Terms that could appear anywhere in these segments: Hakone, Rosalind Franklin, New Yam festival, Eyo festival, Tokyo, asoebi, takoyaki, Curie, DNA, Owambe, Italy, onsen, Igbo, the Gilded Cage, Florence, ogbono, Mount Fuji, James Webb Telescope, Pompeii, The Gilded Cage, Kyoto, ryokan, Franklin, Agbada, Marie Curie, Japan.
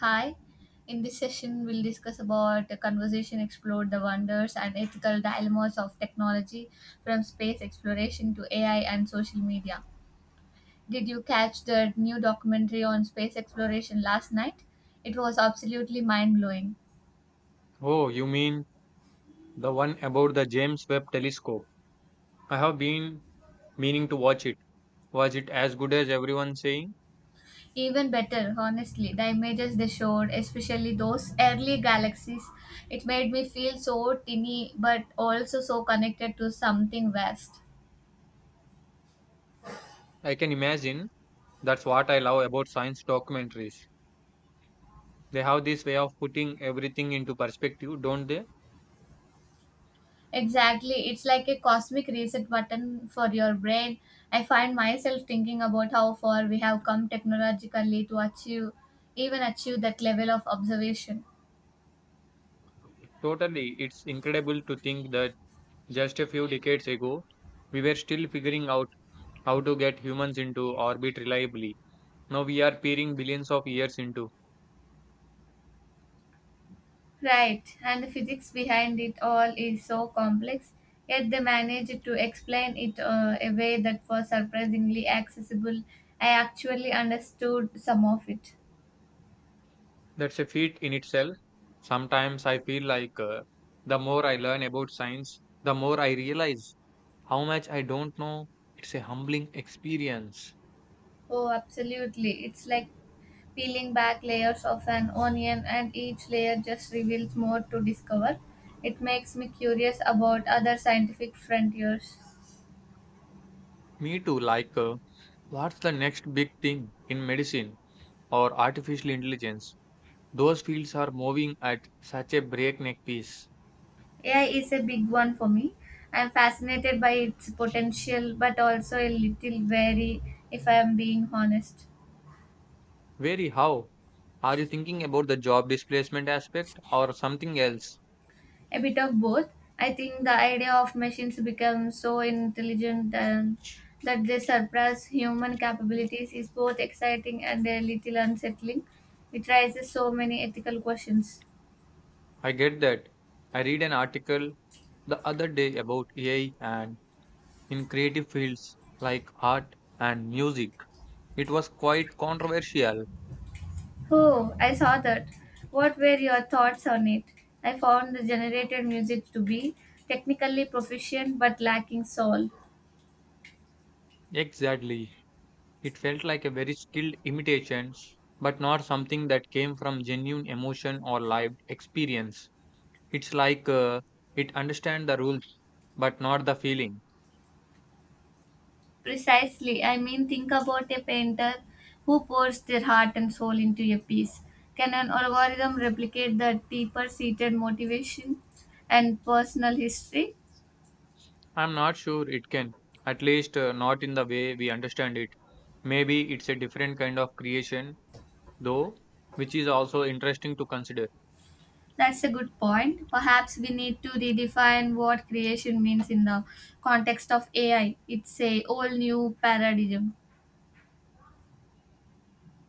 Hi. In this session, we'll discuss about the conversation explore the wonders and ethical dilemmas of technology from space exploration to AI and social media. Did you catch the new documentary on space exploration last night? It was absolutely mind blowing. Oh, you mean the one about the James Webb Telescope? I have been meaning to watch it. Was it as good as everyone saying? Even better, honestly, the images they showed, especially those early galaxies, it made me feel so tiny but also so connected to something vast. I can imagine. That's what I love about science documentaries. They have this way of putting everything into perspective, don't they? Exactly. It's like a cosmic reset button for your brain. I find myself thinking about how far we have come technologically to achieve even achieve that level of observation. Totally. It's incredible to think that just a few decades ago, we were still figuring out how to get humans into orbit reliably. Now we are peering billions of years into. Right. And the physics behind it all is so complex, yet they managed to explain it a way that was surprisingly accessible. I actually understood some of it. That's a feat in itself. Sometimes I feel like the more I learn about science, the more I realize how much I don't know. It's a humbling experience. Oh, absolutely. It's like peeling back layers of an onion, and each layer just reveals more to discover. It makes me curious about other scientific frontiers. Me too, like, what's the next big thing in medicine or artificial intelligence? Those fields are moving at such a breakneck pace. AI is a big one for me. I'm fascinated by its potential, but also a little wary if I am being honest. Very how? Are you thinking about the job displacement aspect or something else? A bit of both. I think the idea of machines become so intelligent and that they surpass human capabilities is both exciting and a little unsettling. It raises so many ethical questions. I get that. I read an article the other day about AI and in creative fields like art and music. It was quite controversial. Oh, I saw that. What were your thoughts on it? I found the generated music to be technically proficient but lacking soul. Exactly. It felt like a very skilled imitation, but not something that came from genuine emotion or lived experience. It's like it understands the rules, but not the feeling. Precisely. I mean, think about a painter who pours their heart and soul into a piece. Can an algorithm replicate that deeper seated motivation and personal history? I'm not sure it can, at least not in the way we understand it. Maybe it's a different kind of creation, though, which is also interesting to consider. That's a good point. Perhaps we need to redefine what creation means in the context of AI. It's a whole new paradigm.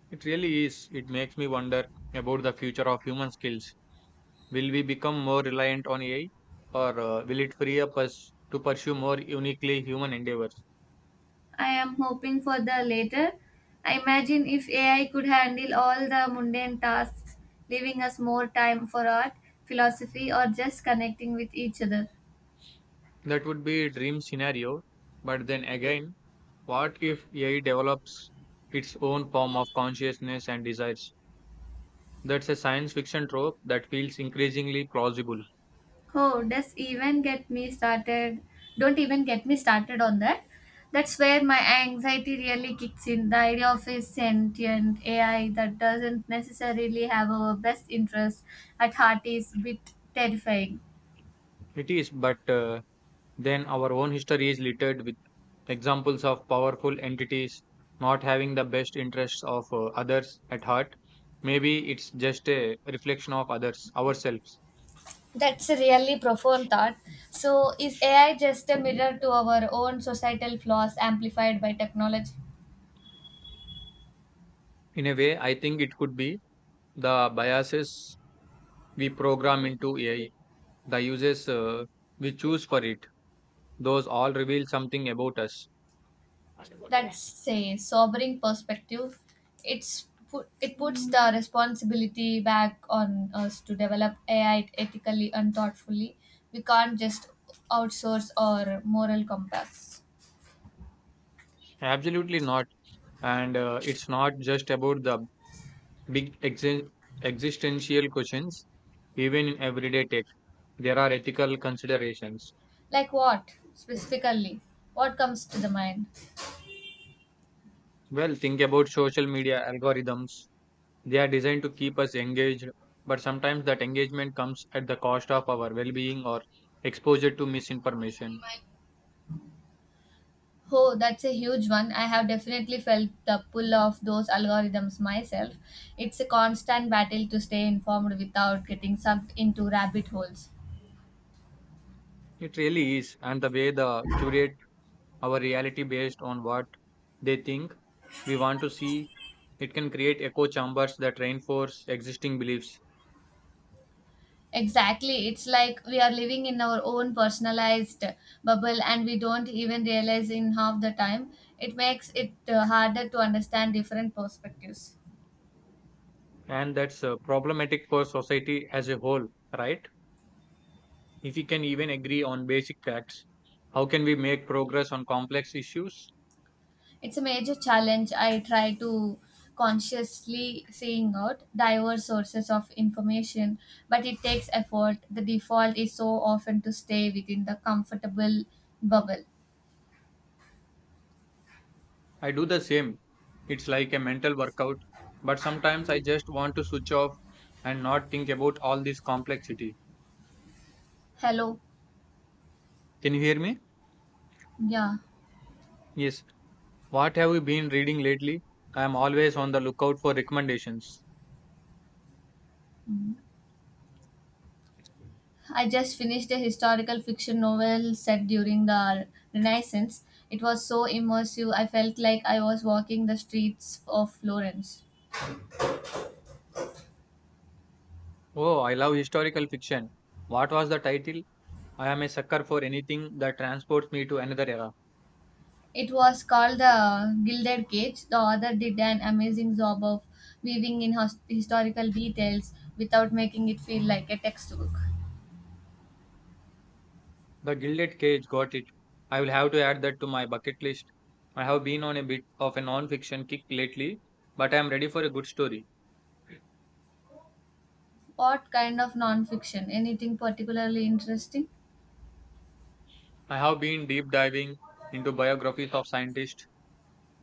It really is. It makes me wonder about the future of human skills. Will we become more reliant on AI or will it free up us to pursue more uniquely human endeavors? I am hoping for the latter. I imagine if AI could handle all the mundane tasks, leaving us more time for art, philosophy, or just connecting with each other. That would be a dream scenario. But then again, what if AI develops its own form of consciousness and desires? That's a science fiction trope that feels increasingly plausible. Oh, does even get me started? Don't even get me started on that. That's where my anxiety really kicks in. The idea of a sentient AI that doesn't necessarily have our best interest at heart is a bit terrifying. It is, but then our own history is littered with examples of powerful entities not having the best interests of others at heart. Maybe it's just a reflection of others, ourselves. That's a really profound thought. So, is AI just a mirror to our own societal flaws amplified by technology? In a way, I think it could be the biases we program into AI, the uses we choose for it. Those all reveal something about us. That's a sobering perspective. It puts the responsibility back on us to develop AI ethically and thoughtfully. We can't just outsource our moral compass. Absolutely not. And it's not just about the big exi- existential questions. Even in everyday tech, there are ethical considerations. Like what specifically? What comes to the mind? Well, think about social media algorithms. They are designed to keep us engaged, but sometimes that engagement comes at the cost of our well being or exposure to misinformation. Oh, that's a huge one. I have definitely felt the pull of those algorithms myself. It's a constant battle to stay informed without getting sucked into rabbit holes. It really is, and the way they curate our reality based on what they think we want to see, it can create echo chambers that reinforce existing beliefs. Exactly. It's like we are living in our own personalized bubble and we don't even realize in half the time. It makes it harder to understand different perspectives. And that's problematic for society as a whole, right? If we can even agree on basic facts, how can we make progress on complex issues? It's a major challenge. I try to consciously seeing out diverse sources of information, but it takes effort. The default is so often to stay within the comfortable bubble. I do the same. It's like a mental workout, but sometimes I just want to switch off and not think about all this complexity. Hello. Can you hear me? Yeah. Yes. What have you been reading lately? I am always on the lookout for recommendations. Mhm. I just finished a historical fiction novel set during the Renaissance. It was so immersive. I felt like I was walking the streets of Florence. Oh, I love historical fiction. What was the title? I am a sucker for anything that transports me to another era. It was called the Gilded Cage. The author did an amazing job of weaving in historical details without making it feel like a textbook. The Gilded Cage, got it. I will have to add that to my bucket list. I have been on a bit of a non fiction kick lately, but I am ready for a good story. What kind of nonfiction? Anything particularly interesting? I have been deep diving into biographies of scientists.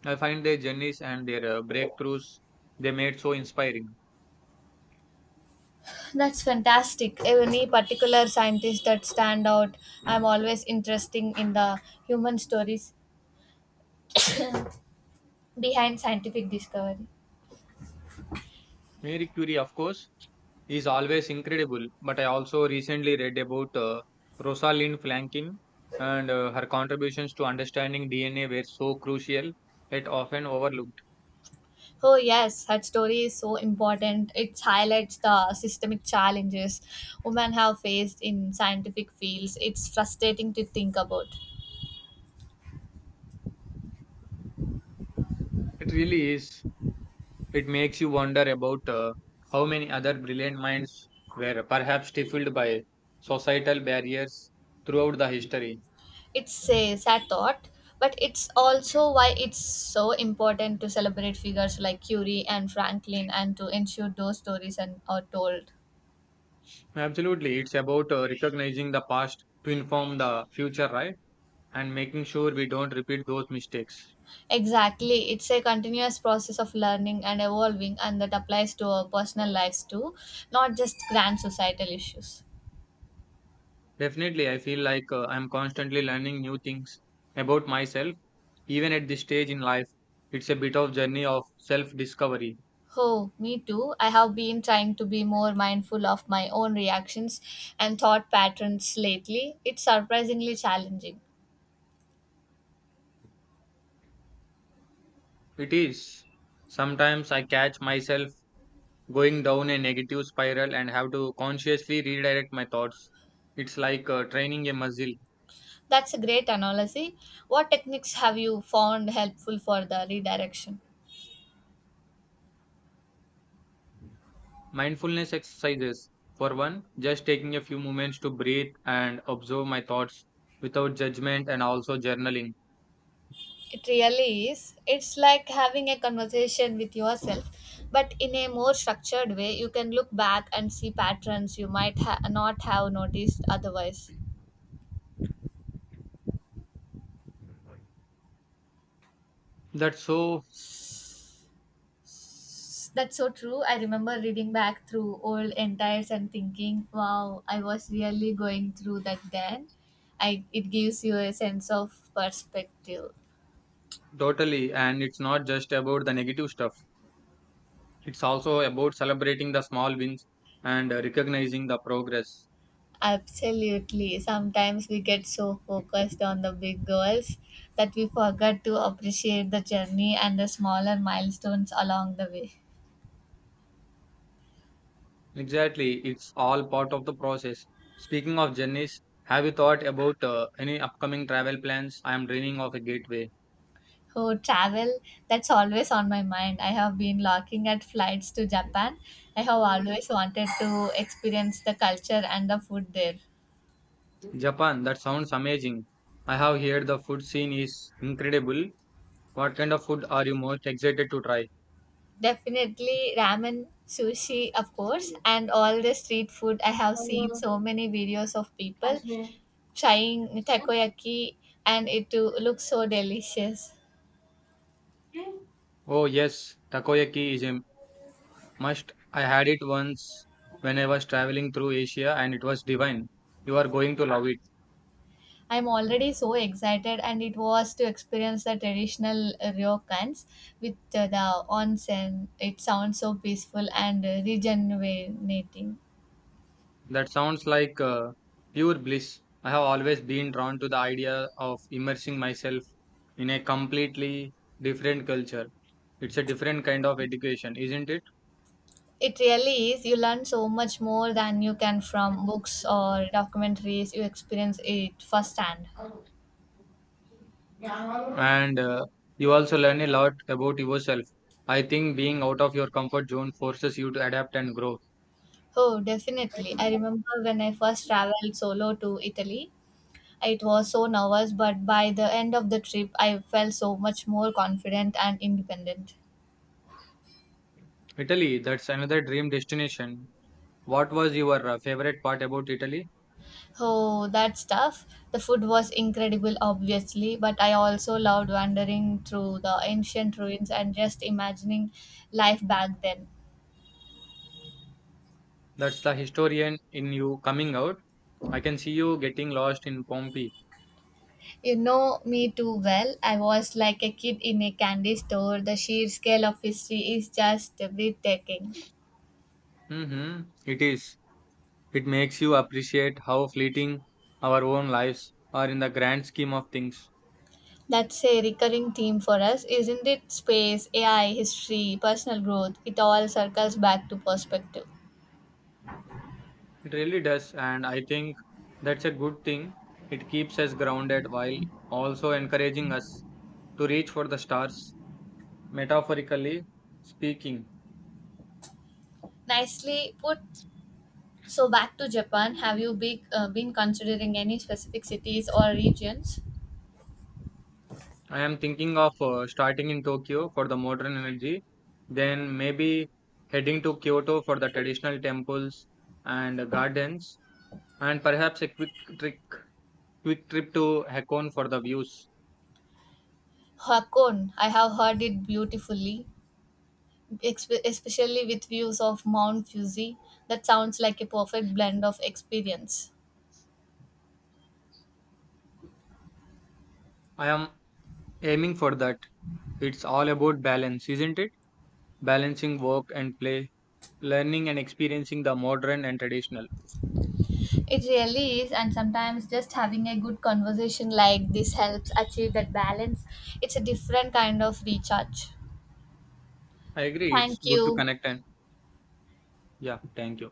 I find their journeys and their breakthroughs they made so inspiring. That's fantastic. Any particular scientists that stand out? I'm always interested in the human stories behind scientific discovery. Marie Curie, of course, is always incredible, but I also recently read about Rosalind Franklin and her contributions to understanding DNA were so crucial yet often overlooked. Oh, yes, that story is so important. It highlights the systemic challenges women have faced in scientific fields. It's frustrating to think about. It really is. It makes you wonder about how many other brilliant minds were perhaps stifled by societal barriers throughout the history. It's a sad thought, but it's also why it's so important to celebrate figures like Curie and Franklin and to ensure those stories and are told. Absolutely. It's about recognizing the past to inform the future, right? And making sure we don't repeat those mistakes. Exactly, it's a continuous process of learning and evolving, and that applies to our personal lives too, not just grand societal issues. Definitely, I feel like I'm constantly learning new things about myself, even at this stage in life. It's a bit of journey of self-discovery. Oh, me too. I have been trying to be more mindful of my own reactions and thought patterns lately. It's surprisingly challenging. It is. Sometimes I catch myself going down a negative spiral and have to consciously redirect my thoughts. It's like training a muscle. That's a great analogy. What techniques have you found helpful for the redirection? Mindfulness exercises. For one, just taking a few moments to breathe and observe my thoughts without judgment, and also journaling. It really is. It's like having a conversation with yourself, but in a more structured way, you can look back and see patterns you might not have noticed otherwise. That's so. That's so true. I remember reading back through old entires and thinking, wow, I was really going through that then. I, it gives you a sense of perspective. Totally, and it's not just about the negative stuff, it's also about celebrating the small wins and recognizing the progress. Absolutely. Sometimes we get so focused on the big goals that we forget to appreciate the journey and the smaller milestones along the way. Exactly, it's all part of the process. Speaking of journeys, have you thought about any upcoming travel plans? I am dreaming of a gateway. Oh, travel, that's always on my mind. I have been looking at flights to Japan. I have always wanted to experience the culture and the food there. Japan, that sounds amazing. I have heard the food scene is incredible. What kind of food are you most excited to try? Definitely ramen, sushi, of course, and all the street food. I have seen so many videos of people trying takoyaki, and it to looks so delicious. Oh, yes, takoyaki is a must. I had it once when I was traveling through Asia and it was divine. You are going to love it. I'm already so excited, and it was to experience the traditional ryokans with the onsen. It sounds so peaceful and rejuvenating. That sounds like pure bliss. I have always been drawn to the idea of immersing myself in a completely different culture. It's a different kind of education, isn't it? It really is. You learn so much more than you can from books or documentaries. You experience it firsthand. And you also learn a lot about yourself. I think being out of your comfort zone forces you to adapt and grow. Oh, definitely. I remember when I first traveled solo to Italy, it was so nervous, but by the end of the trip, I felt so much more confident and independent. Italy, that's another dream destination. What was your favorite part about Italy? Oh, that's tough. The food was incredible, obviously, but I also loved wandering through the ancient ruins and just imagining life back then. That's the historian in you coming out. I can see you getting lost in Pompeii. You know me too well. I was like a kid in a candy store. The sheer scale of history is just breathtaking. Mm-hmm. It is. It makes you appreciate how fleeting our own lives are in the grand scheme of things. That's a recurring theme for us, isn't it? Space, AI, history, personal growth, it all circles back to perspective. It really does, and I think that's a good thing. It keeps us grounded while also encouraging us to reach for the stars, metaphorically speaking. Nicely put. So, back to Japan, have you been considering any specific cities or regions? I am thinking of starting in Tokyo for the modern energy, then maybe heading to Kyoto for the traditional temples and gardens, and perhaps a trick, quick trip to Hakone for the views. Hakone, I have heard it beautifully, especially with views of Mount Fuji. That sounds like a perfect blend of experience. I am aiming for that. It's all about balance, isn't it? Balancing work and play, learning and experiencing the modern and traditional. It really is, and sometimes just having a good conversation like this helps achieve that balance. It's a different kind of recharge. I agree. It's Thank good to you. connect, and yeah, thank you.